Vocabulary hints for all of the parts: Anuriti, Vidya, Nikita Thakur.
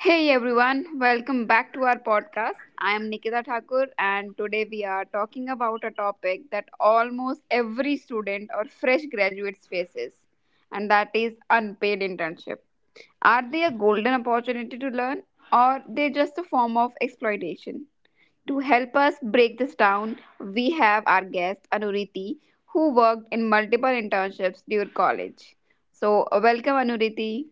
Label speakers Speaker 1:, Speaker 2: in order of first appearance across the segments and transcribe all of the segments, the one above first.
Speaker 1: Hey everyone, welcome back to our podcast. I am Nikita Thakur and today we are talking about a topic that almost every student or fresh graduates faces and that is unpaid internship. Are they a golden opportunity to learn or they just a form of exploitation? To help us break this down, we have our guest Anuriti who worked in multiple internships during college. So, welcome Anuriti.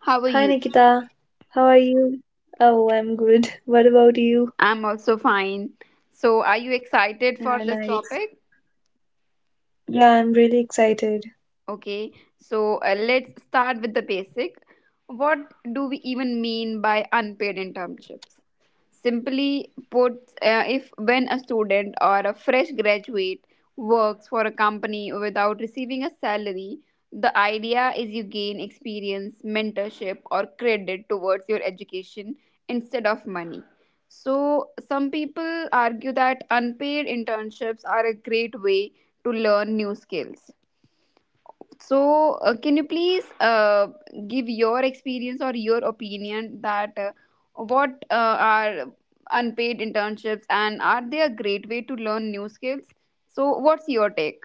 Speaker 1: How are
Speaker 2: Hi
Speaker 1: you?
Speaker 2: Nikita, how are you? Oh, I'm good. What about you?
Speaker 1: I'm also fine. So, are you excited for this
Speaker 2: Yeah,
Speaker 1: topic?
Speaker 2: nice. Yeah, I'm really excited.
Speaker 1: Okay, so let's start with the basic. What do we even mean by unpaid internships? Simply put, if when a student or a fresh graduate works for a company without receiving a salary, the idea is you gain experience, mentorship, or credit towards your education instead of money. So, some people argue that unpaid internships are a great way to learn new skills, so, can you please give your experience or your opinion that what are unpaid internships and are they a great way to learn new skills? So, what's your take?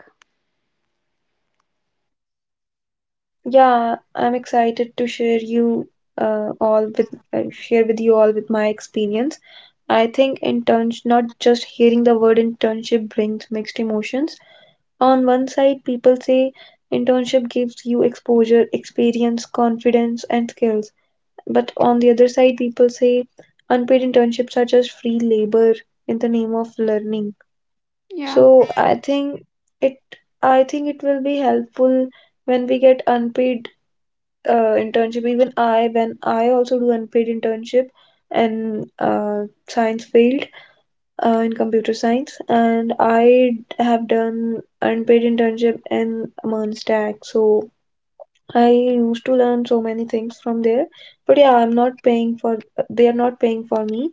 Speaker 2: Yeah, I'm excited to share you all with share with you all with my experience. I think interns not just hearing the word internship brings mixed emotions. On one side, people say internship gives you exposure, experience, confidence, and skills. But on the other side, people say unpaid internships are just free labor in the name of learning.
Speaker 1: Yeah,
Speaker 2: So it I think it will be helpful when we get unpaid internship. Even I, when I also do unpaid internship in science field, in computer science, and I have done unpaid internship in Mernstack. So I used to learn so many things from there. But yeah, I'm not paying for, they are not paying for me.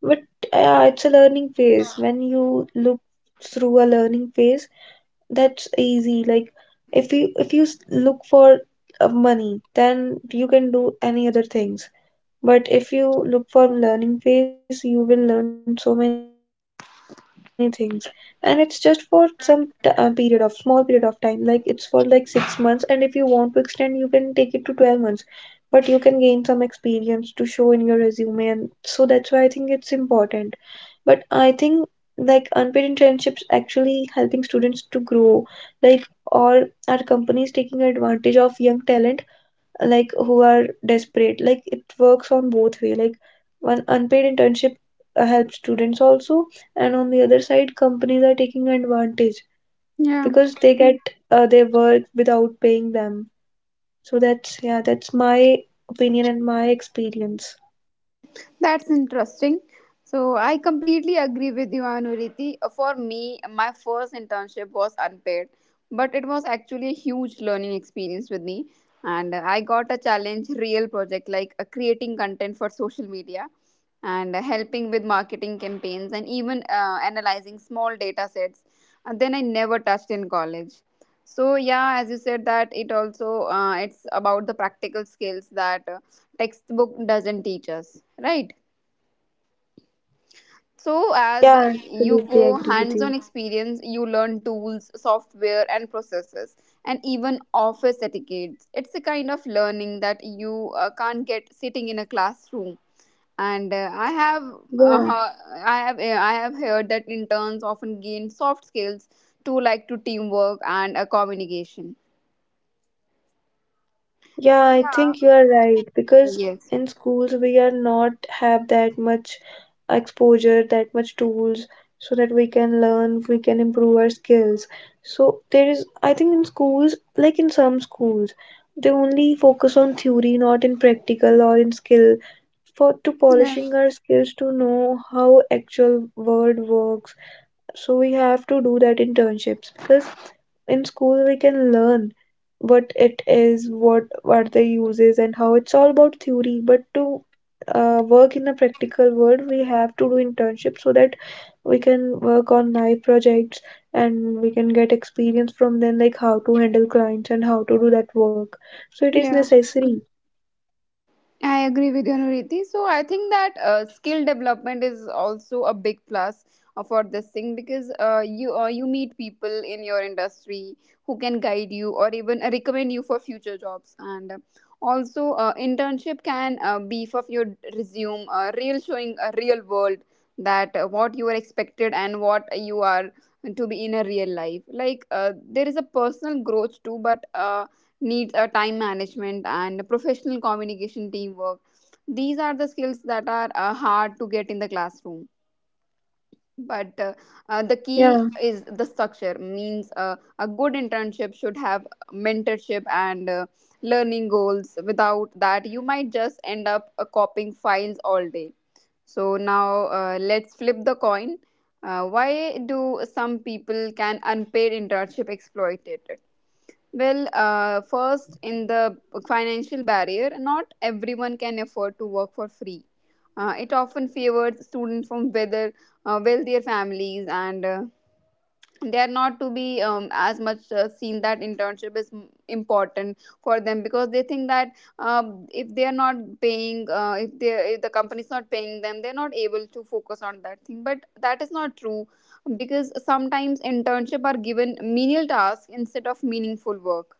Speaker 2: But yeah, it's a learning phase. When you look through a learning phase, that's easy. Like if you look for money, then you can do any other things. But if you look for learning phase, you will learn so many things, and it's just for some t- period of small period of time. Like it's for like six months, and if you want to extend, you can take it to 12 months. But you can gain some experience to show in your resume, and so that's why I think it's important. But I think like unpaid internships actually helping students to grow, like, or are companies taking advantage of young talent, like who are desperate? Like it works on both way. Like one, unpaid internship helps students also, and on the other side companies are taking advantage,
Speaker 1: yeah.
Speaker 2: because they get their work without paying them. So that's, yeah, that's my opinion and my experience.
Speaker 1: That's interesting. So I completely agree with you, Anuriti. For me, my first internship was unpaid, but it was actually a huge learning experience with me. And I got a challenge, real project like creating content for social media and helping with marketing campaigns and even analyzing small data sets. And then I never touched in college. So yeah, as you said that it also it's about the practical skills that textbook doesn't teach us, right? So, as
Speaker 2: Yeah,
Speaker 1: you
Speaker 2: absolutely
Speaker 1: go
Speaker 2: agree with
Speaker 1: hands on
Speaker 2: you.
Speaker 1: experience, you learn tools, software, and processes, and even office etiquettes. It's a kind of learning that you can't get sitting in a classroom. And I have,
Speaker 2: Yeah.
Speaker 1: he- I have heard that interns often gain soft skills to like to teamwork and communication.
Speaker 2: Yeah,
Speaker 1: So
Speaker 2: I
Speaker 1: yeah,
Speaker 2: think you are right because
Speaker 1: yes,
Speaker 2: in schools we are not have that much exposure, that much tools so that we can learn, we can improve our skills. So there is, I think in schools, like in some schools, they only focus on theory, not in practical or in skill. For to
Speaker 1: yeah,
Speaker 2: polishing our skills to know how actual world works, so we have to do that internships because in school we can learn what it is, what they uses, and how it's all about theory. But to work in a practical world we have to do internships so that we can work on live projects and we can get experience from them, like how to handle clients and how to do that work. So it is
Speaker 1: yeah.
Speaker 2: necessary.
Speaker 1: I agree with you, Nuriti. So I think that skill development is also a big plus for this thing because you meet people in your industry who can guide you or even recommend you for future jobs, and also internship can beef up your resume, real showing a real world that what you are expected and what you are to be in a real life. Like there is a personal growth too, but. Needs a time management and professional communication teamwork. These are the skills that are hard to get in the classroom, but the key
Speaker 2: Yeah,
Speaker 1: is the structure means a good internship should have mentorship and learning goals. Without that you might just end up copying files all day. So now let's flip the coin. Why do some people can unpaid internship exploit it? Well, first, in the financial barrier, not everyone can afford to work for free. It often favors students from whether wealthier families, and they are not to be as much seen that internship is important for them because they think that if they are not paying, if they if the company is not paying them, they're not able to focus on that thing. But that is not true because sometimes internship are given menial tasks instead of meaningful work.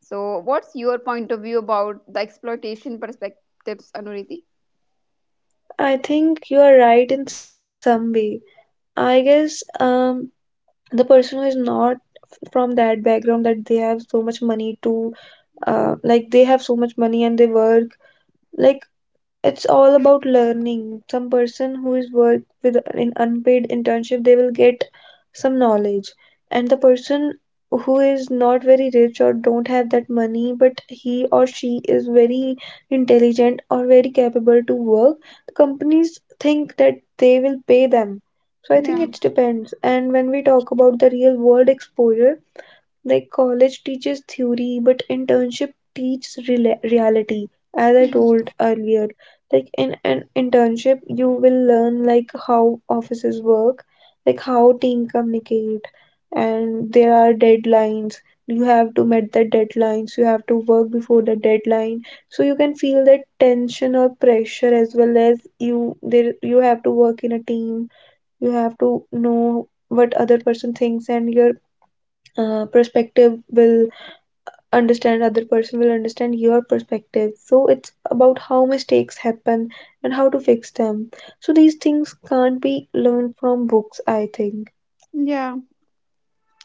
Speaker 1: So, what's your point of view about the exploitation perspectives, Anuriti?
Speaker 2: I think you are right in some way. I guess. The person who is not from that background, that they have so much money to, like, they have so much money and they work, like, it's all about learning. Some person who is work with an unpaid internship, they will get some knowledge. And the person who is not very rich or don't have that money, but he or she is very intelligent or very capable to work, the companies think that they will pay them. So I think
Speaker 1: Yeah,
Speaker 2: it depends. And when we talk about the real world exposure, like college teaches theory but internship teaches rela reality, as I told earlier, like in an internship you will learn like how offices work, like how team communicate, and there are deadlines. You have to meet the deadlines, you have to work before the deadline. So you can feel that tension or pressure. As well as you, there, you have to work in a team. You have to know what other person thinks, and your perspective will, understand, other person will understand your perspective. So it's about how mistakes happen and how to fix them. So these things can't be learned from books, I think.
Speaker 1: yeah,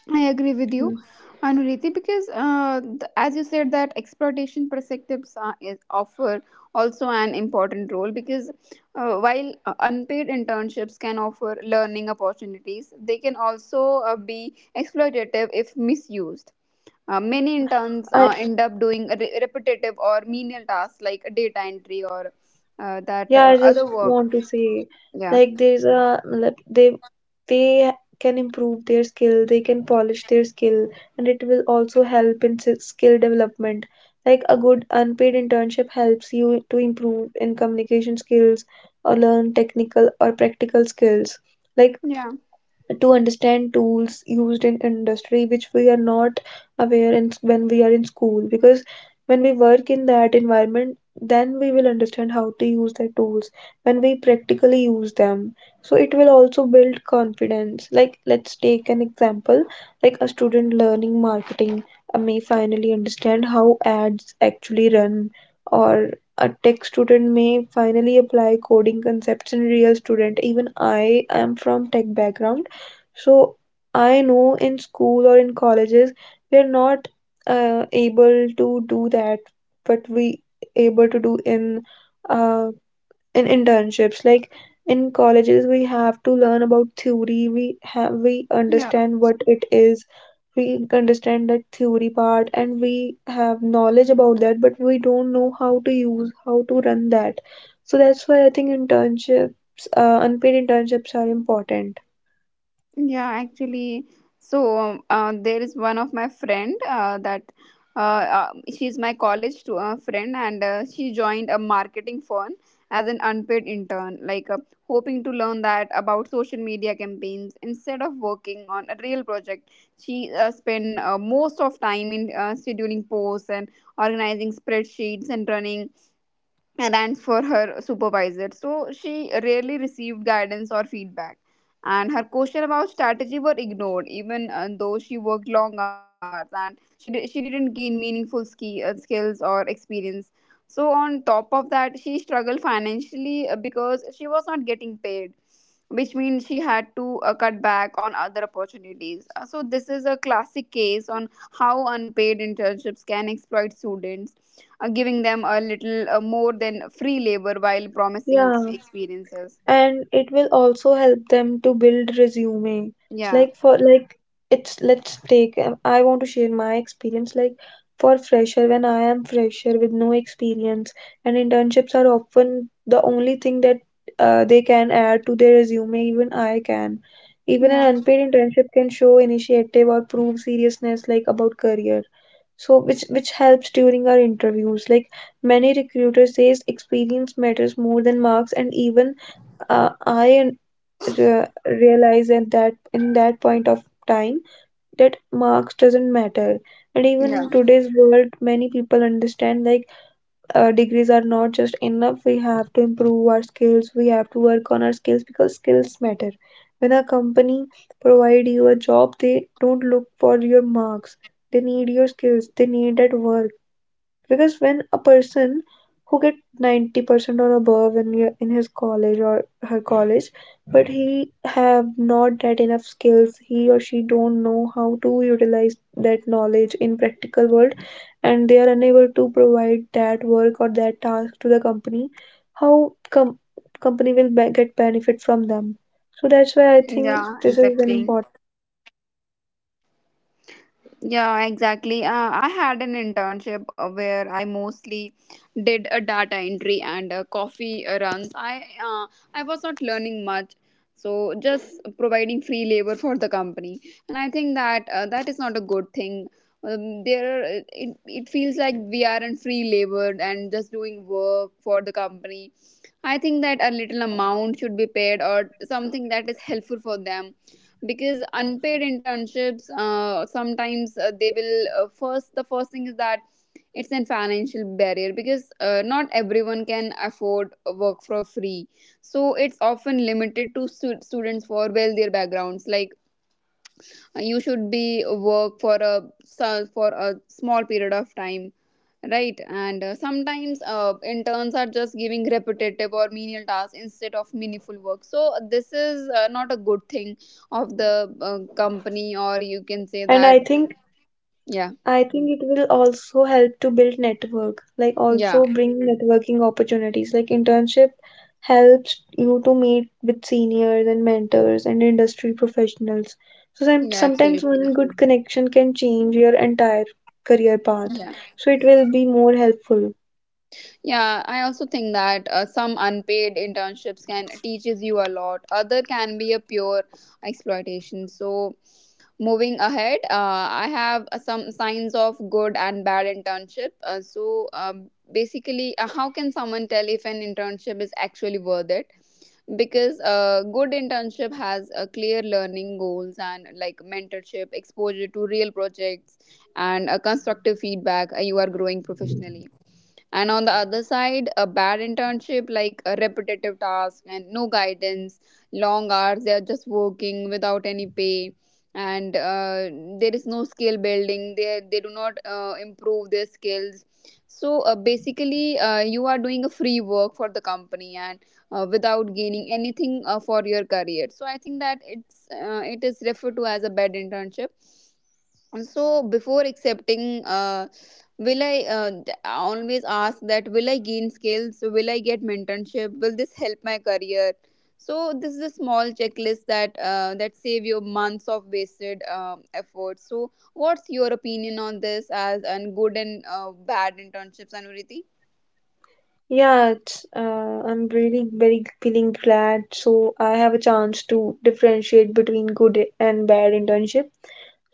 Speaker 1: I agree with you,
Speaker 2: Mm.
Speaker 1: Anuriti, because as you said that exploitation perspectives is offer also an important role because while unpaid internships can offer learning opportunities, they can also be exploitative if misused. Many
Speaker 2: Yeah.
Speaker 1: interns end up doing a repetitive or menial tasks like data entry or that
Speaker 2: Yeah, I
Speaker 1: other
Speaker 2: just
Speaker 1: work.
Speaker 2: want to say,
Speaker 1: Yeah.
Speaker 2: like, there's a like they can improve their skill, they can polish their skill, and it will also help in skill development. Like a good unpaid internship helps you to improve in communication skills or learn technical or practical skills. Like,
Speaker 1: Yeah.
Speaker 2: to understand tools used in industry which we are not aware in, when we are in school, because when we work in that environment then we will understand how to use the tools when we practically use them. So it will also build confidence. Like let's take an example, like a student learning marketing may finally understand how ads actually run, or a tech student may finally apply coding concepts in real student. Even I am from tech background, so I know in school or in colleges we are not able to do that, but we able to do uh, in internships. Like in colleges, we have to learn about theory. We
Speaker 1: Yeah.
Speaker 2: understand what it is. We understand that theory part, and we have knowledge about that, but we don't know how to run that. So that's why I think internships, unpaid internships, are important.
Speaker 1: Yeah, actually, so there is one of my friend that uh, uh, she's my college to, friend, and she joined a marketing firm as an unpaid intern, like hoping to learn that about social media campaigns instead of working on a real project. She spent most of time in scheduling posts and organizing spreadsheets and running rants for her supervisor, so she rarely received guidance or feedback. And her question about strategy were ignored, even though she worked long hours and she didn't gain meaningful skills or experience. So on top of that, she struggled financially because she was not getting paid, which means she had to cut back on other opportunities. So this is a classic case on how unpaid internships can exploit students, giving them a little more than free labor while promising
Speaker 2: Yeah.
Speaker 1: experiences.
Speaker 2: And it will also help them to build resume. It's
Speaker 1: Yeah,
Speaker 2: like for, like, it's, let's take, I want to share my experience. Like for fresher, when I am fresher with no experience, and internships are often the only thing that they can add to their resume. Even I can, even an
Speaker 1: yeah,
Speaker 2: unpaid internship can show initiative or prove seriousness, like about career. So which helps during our interviews. Like many recruiters says experience matters more than marks. And even, I realized at that, in that point of time, that marks doesn't matter. And even in
Speaker 1: yeah,
Speaker 2: today's world, many people understand, like, degrees are not just enough. We have to improve our skills. We have to work on our skills because skills matter. When a company provide you a job, they don't look for your marks. They need your skills. They need that work. Because when a person who get 90% or above in your- in his college or her college, but he have not that enough skills, he or she don't know how to utilize that knowledge in practical world, and they are unable to provide that work or that task to the company, how com- company will get benefit from them? So that's why I think
Speaker 1: yeah,
Speaker 2: this is an
Speaker 1: exactly.
Speaker 2: important.
Speaker 1: Yeah, exactly. I had an internship where I mostly did a data entry and coffee runs. I was not learning much, so just providing free labor for the company, and I think that that is not a good thing. There, it feels like we aren't free labored and just doing work for the company. I think that a little amount should be paid or something that is helpful for them, because unpaid internships sometimes they will first. The first thing is that it's a financial barrier because not everyone can afford work for free, so it's often limited to students for wealthier backgrounds, like you should be work for a for a small period of time, right? And sometimes interns are just giving repetitive or menial tasks instead of meaningful work, so this is not a good thing of the company, or you can say
Speaker 2: And I
Speaker 1: that.
Speaker 2: think
Speaker 1: Yeah,
Speaker 2: I think it will also help to build network, like
Speaker 1: yeah,
Speaker 2: also bring networking opportunities. Like internship helps you to meet with seniors and mentors and industry professionals. So
Speaker 1: yeah,
Speaker 2: sometimes
Speaker 1: absolutely,
Speaker 2: one good connection can change your entire career path.
Speaker 1: yeah.
Speaker 2: So it will be more helpful.
Speaker 1: Yeah, I also think that some unpaid internships can teaches you a lot. Other can be a pure exploitation. So, moving ahead, I have some signs of good and bad internship. Basically, how can someone tell if an internship is actually worth it? Because a good internship has clear learning goals and like mentorship, exposure to real projects, and constructive feedback. You are growing professionally, and on the other side a bad internship like a repetitive task and no guidance, long hours, they are just working without any pay, and there is no skill building. They do not improve their skills. So basically you are doing a free work for the company and without gaining anything for your career, so I think that it is referred to as a bad internship. So before accepting, I always ask that will I gain skills, will I get mentorship, will this help my career? So this is a small checklist that that save you months of wasted effort. So what's your opinion on this as and good and bad internships, Anuriti?
Speaker 2: Yeah, it's, I'm really very feeling glad. So I have a chance to differentiate between good and bad internship.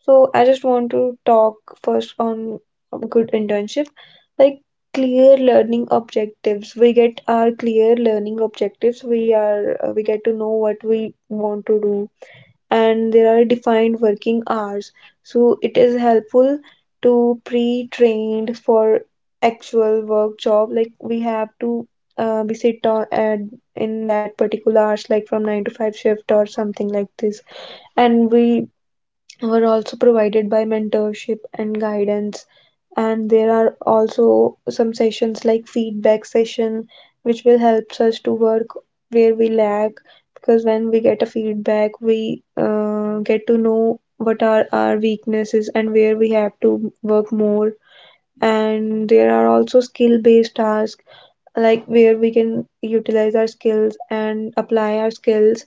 Speaker 2: So I just want to talk first on good internship, like clear learning objectives. We get our clear learning objectives. We are, we get to know what we want to do. And there are defined working hours, so it is helpful to pre-trained for actual work job. Like we have to be sit on at in that particular hours, like from 9 to 5 shift or something like this. And we were also provided by mentorship and guidance. And there are also some sessions like feedback session which will helps us to work where we lack. Because when we get a feedback we get to know what are our weaknesses and where we have to work more. And there are also skill based tasks, like where we can utilize our skills and apply our skills.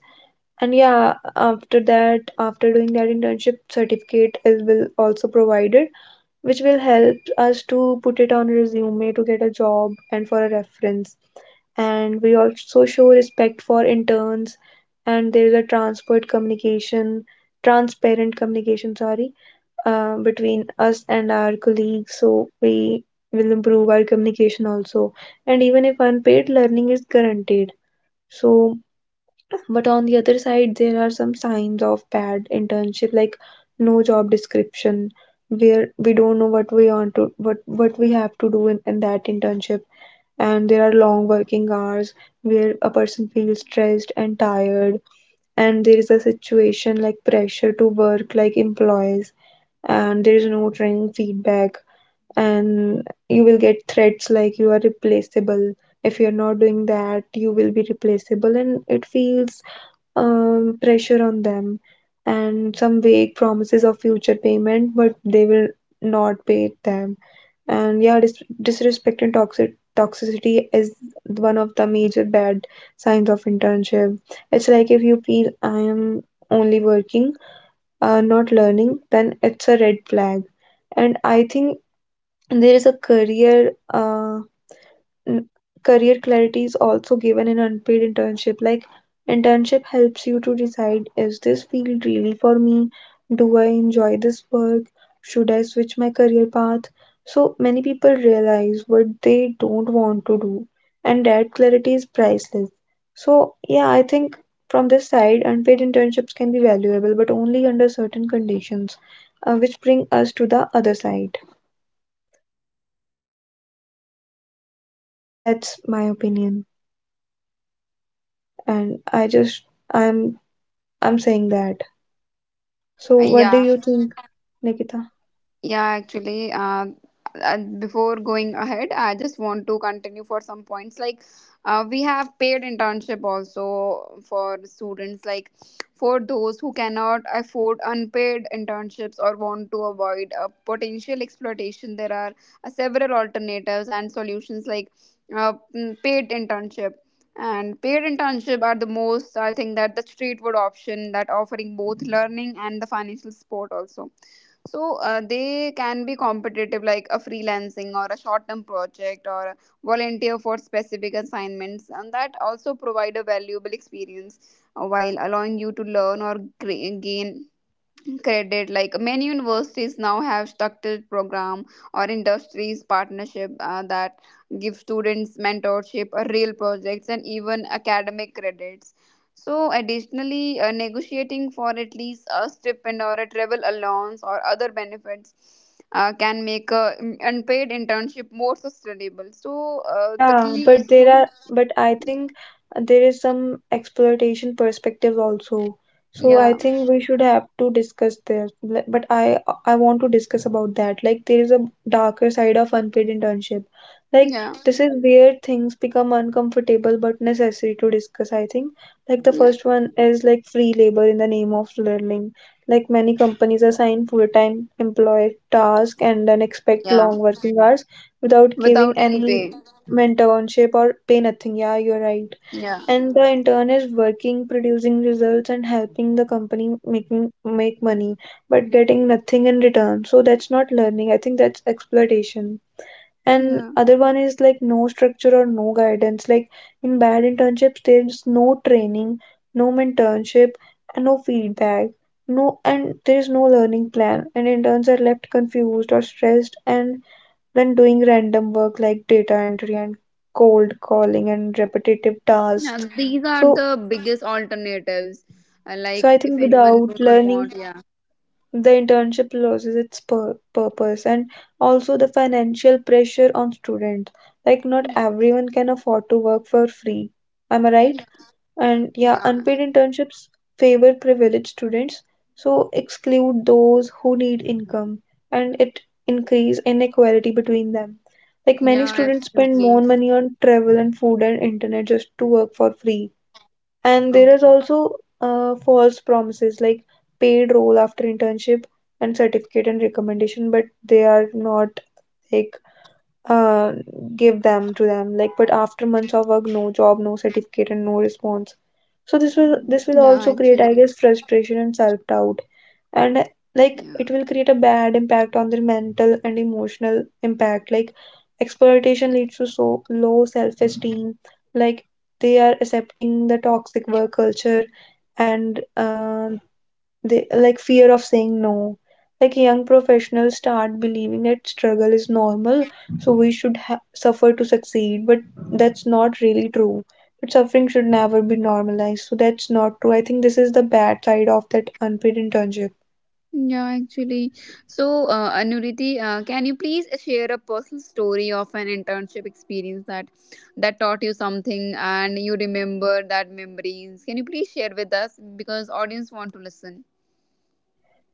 Speaker 2: And yeah, after that, after doing that internship, certificate is will also provided, which will help us to put it on resume to get a job and for a reference. And we also show respect for interns. And there is a transparent communication, sorry, between us and our colleagues. So we will improve our communication also. And even if unpaid, learning is guaranteed. So, but on the other side there are some signs of bad internship, like no job description, where we don't know what we want to, what we have to do in that internship. And there are long working hours where a person feels stressed and tired. And there is a situation like pressure to work like employees. And there is no training feedback. And you will get threats like you are replaceable. If you're not doing that you will be replaceable, and it feels pressure on them. And some vague promises of future payment, but they will not pay them. And yeah, disrespect and toxicity is one of the major bad signs of internship. It's like, if you feel I am only working, not learning, then it's a red flag. And I think there is a career. N- Career clarity is also given in unpaid internship. Like, internship helps you to decide is this field really for me? Do I enjoy this work? Should I switch my career path? So, many people realize what they don't want to do, and that clarity is priceless. So, yeah, I think from this side, unpaid internships can be valuable, but only under certain conditions, which bring us to the other side. That's my opinion, and I just I'm I'm saying that. So what do
Speaker 1: Yeah,
Speaker 2: you think, Nikita?
Speaker 1: yeah, actually, before going ahead, I just want to continue for some points. Like, we have paid internship also for students, like for those who cannot afford unpaid internships or want to avoid potential exploitation. There are several alternatives and solutions like paid internship. And paid internship are the most, I think, that the straightforward option that offering both learning and the financial support also. So they can be competitive, like a freelancing or a short-term project or volunteer for specific assignments, and that also provide a valuable experience while allowing you to learn or gain credit. Like many universities now have structured program or industries partnership that give students mentorship, real projects and even academic credits. So additionally negotiating for at least a stipend or a travel allowance or other benefits can make a unpaid internship more sustainable. So the
Speaker 2: Yeah,
Speaker 1: key is
Speaker 2: but there
Speaker 1: to
Speaker 2: are, but I think there is some exploitation perspective also. So I
Speaker 1: yeah,
Speaker 2: think we should have to discuss this. But I want to discuss about that. Like there is a darker side of unpaid internship. Like
Speaker 1: yeah,
Speaker 2: this is where things become uncomfortable but necessary to discuss, I think. Like the
Speaker 1: yeah,
Speaker 2: first one is like free labor in the name of learning. Like many companies assign full-time employee tasks and then expect
Speaker 1: yeah,
Speaker 2: long working hours without
Speaker 1: without any
Speaker 2: giving
Speaker 1: pay,
Speaker 2: any mentorship or pay nothing, yeah, you're right.
Speaker 1: yeah,
Speaker 2: And the intern is working, producing results and helping the company making make money but getting nothing in return. So that's not learning, I think that's exploitation. And
Speaker 1: yeah.
Speaker 2: other one is like no structure or no guidance. Like in bad internships, there's no training, no mentorship, and no feedback, no. And there is no learning plan, and interns are left confused or stressed and when doing random work like data entry and cold calling and repetitive
Speaker 1: Yeah,
Speaker 2: tasks.
Speaker 1: these are
Speaker 2: So,
Speaker 1: the biggest alternatives.
Speaker 2: so
Speaker 1: Like
Speaker 2: I
Speaker 1: if
Speaker 2: think
Speaker 1: anyone
Speaker 2: without
Speaker 1: do not
Speaker 2: learning,
Speaker 1: want, yeah,
Speaker 2: the internship loses its purpose, and also the financial pressure on students. Like, not
Speaker 1: yeah,
Speaker 2: everyone can afford to work for free. Am I right?
Speaker 1: yeah,
Speaker 2: And yeah,
Speaker 1: yeah,
Speaker 2: unpaid internships favor privileged students, so exclude those who need income, and it increase inequality between them. Like many
Speaker 1: yeah,
Speaker 2: students spend more
Speaker 1: absolutely.
Speaker 2: money on travel and food and internet just to work for free. And there
Speaker 1: Okay.
Speaker 2: is also false promises like paid role after internship and certificate and recommendation, but they are not like, uh, give them to them, like, but after months of work, no job, no certificate, and no response. So this will
Speaker 1: Yeah,
Speaker 2: also create, I
Speaker 1: actually,
Speaker 2: guess, frustration and self doubt. And like
Speaker 1: yeah,
Speaker 2: it will create a bad impact on their mental and emotional impact. Like exploitation leads to so low self esteem, like they are accepting the toxic work culture, and they like fear of saying no. Like young professionals start believing that struggle is normal, so we should suffer to succeed, but that's not really true. But suffering should never be normalized, so that's not true. I think this is the bad side of that unpaid internship.
Speaker 1: yeah, actually. So, Anuriti, can you please share a personal story of an internship experience that that taught you something and you remember that memories? Can you please share with us because audience want to listen?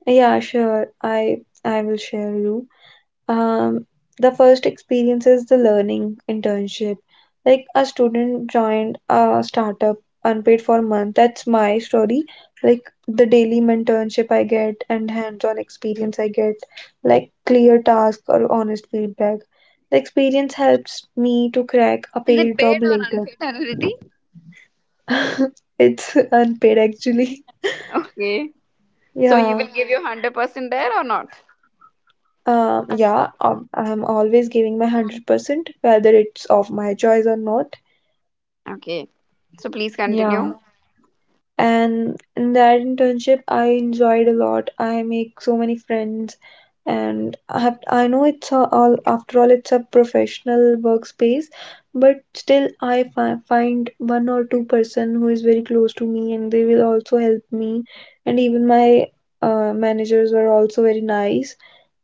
Speaker 2: Yeah, sure, I will share you. Um, the first experience is the learning internship. Like a student joined a startup unpaid for a month. That's my story. Like the daily internship I get and hands-on experience I get, like clear task or honest feedback. The experience helps me to crack a
Speaker 1: Is it
Speaker 2: paid
Speaker 1: paid
Speaker 2: job
Speaker 1: or
Speaker 2: later.
Speaker 1: unpaid, Anuriti?
Speaker 2: It's unpaid actually.
Speaker 1: Okay. So you
Speaker 2: Yeah.
Speaker 1: will give your 100% there or not?
Speaker 2: Yeah, I'm always giving my 100%, whether it's of my choice or not.
Speaker 1: Okay. So please
Speaker 2: Yeah.
Speaker 1: continue.
Speaker 2: And in that internship I enjoyed a lot, I make so many friends, and I know it's a, all after all it's a professional workspace, but still I find one or two-person who is very close to me and they will also help me. And even my managers were also very nice,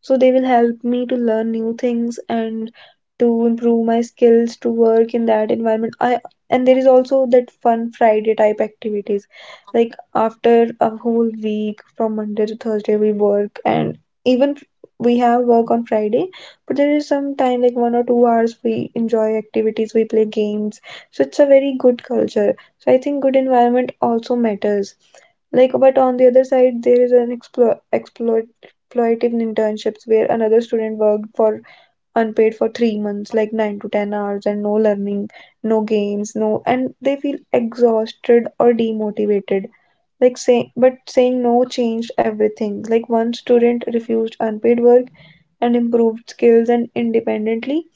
Speaker 2: so they will help me to learn new things and to improve my skills to work in that environment. I And there is also that fun Friday type activities, like after a whole week from Monday to Thursday, we work and even f- we have work on Friday, but there is some time like 1 or 2 hours we enjoy activities, we play games. So it's a very good culture. So I think good environment also matters. Like but on the other side, there is an exploitative internships where another student worked for unpaid for 3 months like 9 to 10 hours and no learning, no games, no, and they feel exhausted or demotivated. But saying no changed everything. Like one student refused unpaid work and improved skills and independently,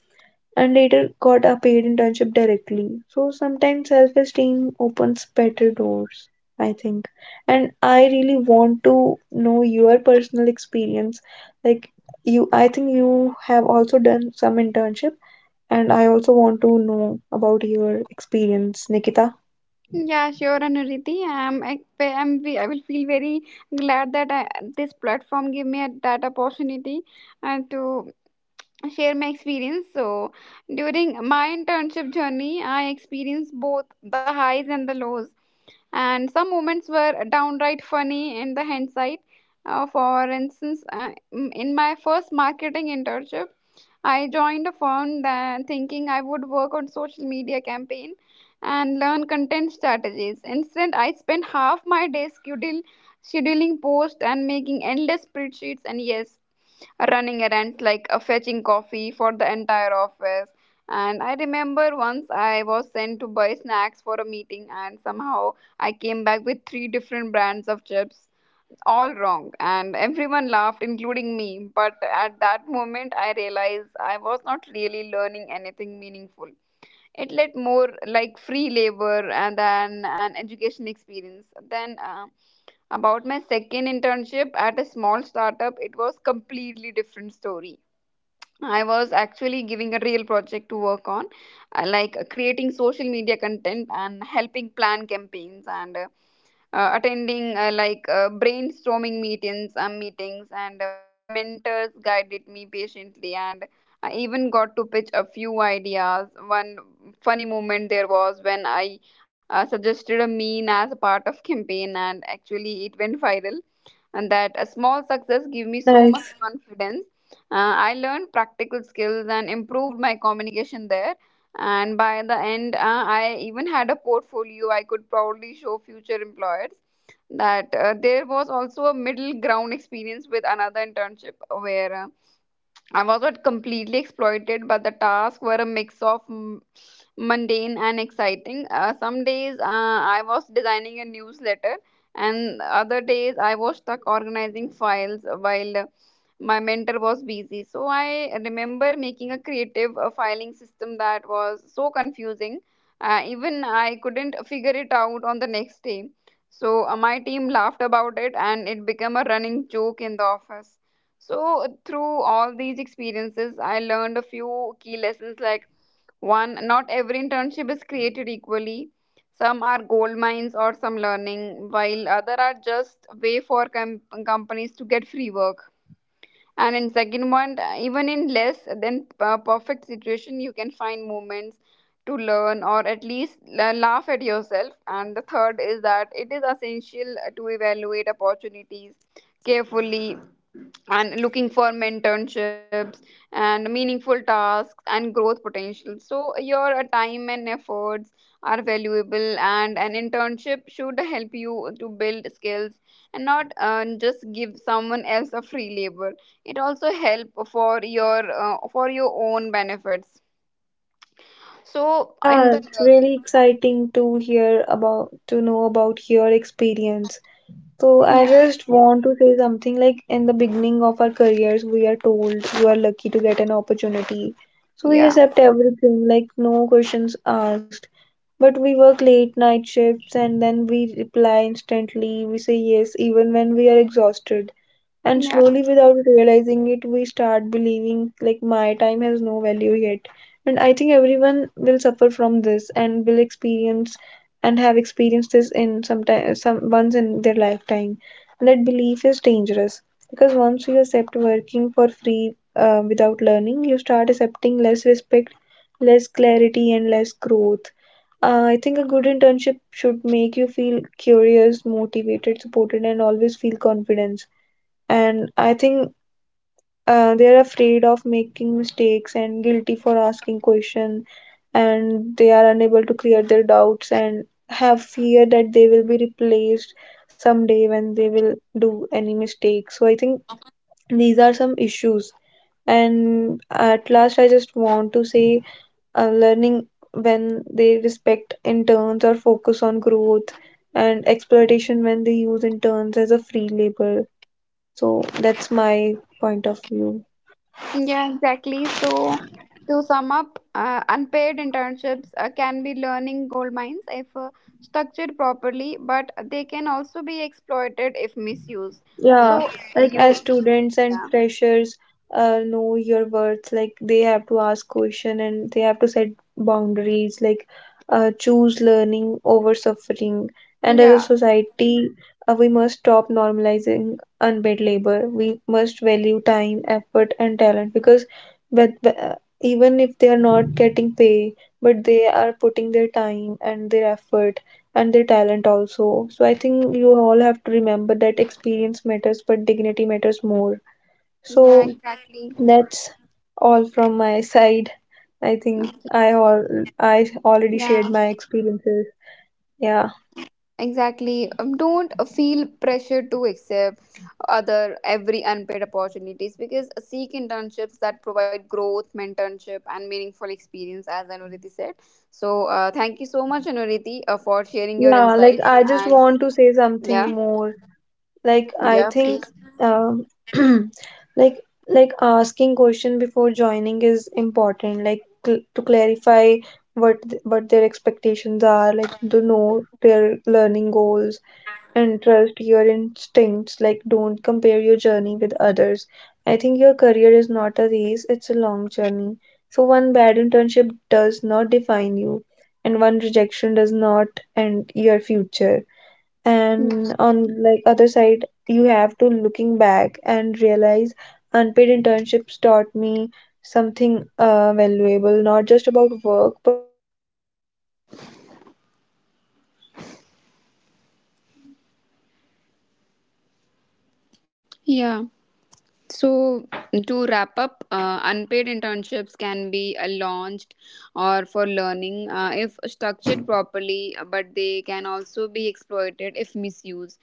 Speaker 2: and later got a paid internship directly. So sometimes self-esteem opens better doors, I think. And I really want to know your personal experience. Like you, I think you have also done some internship, and I also want to know about your experience, Nikita.
Speaker 1: Yeah, sure, Anuriti. I will feel very glad that this platform gave me a, that opportunity and to share my experience. So, during my internship journey, I experienced both the highs and the lows, and some moments were downright funny in the hindsight. For instance, in my first marketing internship, I joined a firm that thinking I would work on social media campaign and learn content strategies. Instead, I spent half my day scheduling posts and making endless spreadsheets. And yes, running errands like fetching coffee for the entire office. And I remember once I was sent to buy snacks for a meeting, and somehow I came back with three different brands of chips, all wrong. And everyone laughed, including me. But at that moment, I realized I was not really learning anything meaningful. It led more like free labor and then an education experience then about my second internship at a small startup. It was completely different story. I was actually giving a real project to work on, creating social media content and helping plan campaigns and attending brainstorming meetings. And my mentors guided me patiently, and I even got to pitch a few ideas. One funny moment there was when I suggested a meme as a part of campaign, and actually it went viral, and that a small
Speaker 2: Oh,
Speaker 1: success gave me so much
Speaker 2: nice.
Speaker 1: confidence. I learned practical skills and improved my communication there. And by the end, I even had a portfolio I could proudly show future employers. That There was also a middle ground experience with another internship where I was not completely exploited, but the tasks were a mix of mundane and exciting. Some days I was designing a newsletter, and other days I was stuck organizing files while my mentor was busy. So I remember making a creative filing system that was so confusing. Even I couldn't figure it out on the next day. So my team laughed about it, and it became a running joke in the office. So, through all these experiences, I learned a few key lessons. Like one, not every internship is created equally. Some are gold mines or some learning, while other are just way for companies to get free work. And in second one, even in less than perfect situation, you can find moments to learn or at least laugh at yourself. And the third is that it is essential to evaluate opportunities carefully and looking for mentorships and meaningful tasks and growth potential, so your time and efforts are valuable, and an internship should help you to build skills and not just give someone else a free labor. It also help for your own benefits.
Speaker 2: So
Speaker 1: So in
Speaker 2: yeah,
Speaker 1: the,
Speaker 2: it's really exciting to hear about to know about your experience. So I
Speaker 1: yeah,
Speaker 2: just want to say something like, in the beginning of our careers, we are told you are lucky to get an opportunity. So we
Speaker 1: yeah,
Speaker 2: accept everything, like no questions asked. But we work late night shifts and then we reply instantly. We say yes even when we are exhausted. And
Speaker 1: yeah.
Speaker 2: slowly, without realizing it, we start believing like my time has no value yet. And I think everyone will suffer from this and will experience and have experienced this in some time, some once in their lifetime. And that belief is dangerous because once you accept working for free, without learning, you start accepting less respect, less clarity, and less growth. I think a good internship should make you feel curious, motivated, supported, and always feel confidence. And I think they're afraid of making mistakes and guilty for asking questions, and they are unable to clear their doubts and have fear that they will be replaced someday when they will do any mistake. So I think these are some issues. And at last I just want to say, learning when they respect interns or focus on growth, and exploitation when they use interns as a free labor. So that's my point of view.
Speaker 1: Yeah, exactly. So, to sum up, unpaid internships can be learning gold mines if structured properly, but they can also be exploited if misused.
Speaker 2: Yeah,
Speaker 1: So,
Speaker 2: like
Speaker 1: you,
Speaker 2: as students and
Speaker 1: yeah,
Speaker 2: freshers, know your worth, like they have to ask question and they have to set boundaries, like choose learning over suffering. And as a
Speaker 1: yeah,
Speaker 2: society, we must stop normalizing unpaid labor. We must value time, effort, and talent, because but, but, uh, even if they are not getting pay, but they are putting their time and their effort and their talent also. So I think you all have to remember that experience matters, but dignity matters more.
Speaker 1: yeah,
Speaker 2: So
Speaker 1: exactly.
Speaker 2: that's all from my side. I think I all I already shared
Speaker 1: Yeah,
Speaker 2: my experiences. Yeah.
Speaker 1: exactly. Don't feel pressure to accept other every unpaid opportunities, because seek internships that provide growth mentorship and meaningful experience, as Anuriti said. So thank you so much, Anuriti, for sharing your
Speaker 2: Yeah, like
Speaker 1: insights.
Speaker 2: I just want
Speaker 1: And
Speaker 2: to say something
Speaker 1: yeah,
Speaker 2: more. Like I
Speaker 1: yeah,
Speaker 2: think
Speaker 1: please.
Speaker 2: um, like like asking question before joining is important, like to clarify what their expectations are, like to know their learning goals. And trust your instincts, like don't compare your journey with others. I think your career is not a race, it's a long journey. So one bad internship does not define you, and one rejection does not end your future. And
Speaker 1: Mm.
Speaker 2: on like other side, you have to looking back and realize unpaid internships taught me something valuable, not just about work but about who you are. Like they also taught me like my boundaries, my worth, and my priorities. And if I could back, I will tell my
Speaker 1: Yeah.
Speaker 2: younger self like
Speaker 1: So,
Speaker 2: learning is
Speaker 1: to
Speaker 2: important,
Speaker 1: wrap up,
Speaker 2: but dignity is
Speaker 1: unpaid
Speaker 2: not.
Speaker 1: internships can be
Speaker 2: So
Speaker 1: launched
Speaker 2: I
Speaker 1: or for
Speaker 2: also
Speaker 1: learning
Speaker 2: want you
Speaker 1: if
Speaker 2: also have to
Speaker 1: structured
Speaker 2: follow this
Speaker 1: properly,
Speaker 2: path.
Speaker 1: but they can also be exploited if misused.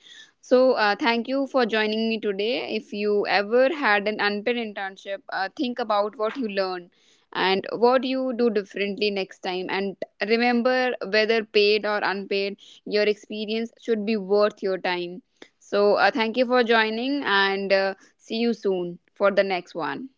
Speaker 1: So, thank you for
Speaker 2: Yes,
Speaker 1: joining
Speaker 2: Nikita.
Speaker 1: me today. If you ever had an unpaid
Speaker 2: And that's,
Speaker 1: internship,
Speaker 2: I think, that's
Speaker 1: think
Speaker 2: all we
Speaker 1: about what
Speaker 2: I
Speaker 1: you
Speaker 2: want to
Speaker 1: learned
Speaker 2: share. Okay,
Speaker 1: and
Speaker 2: thank
Speaker 1: what
Speaker 2: you.
Speaker 1: you do differently next time. And remember, whether paid or unpaid, your experience should be worth your time. So, thank you for joining and see you soon for the next one.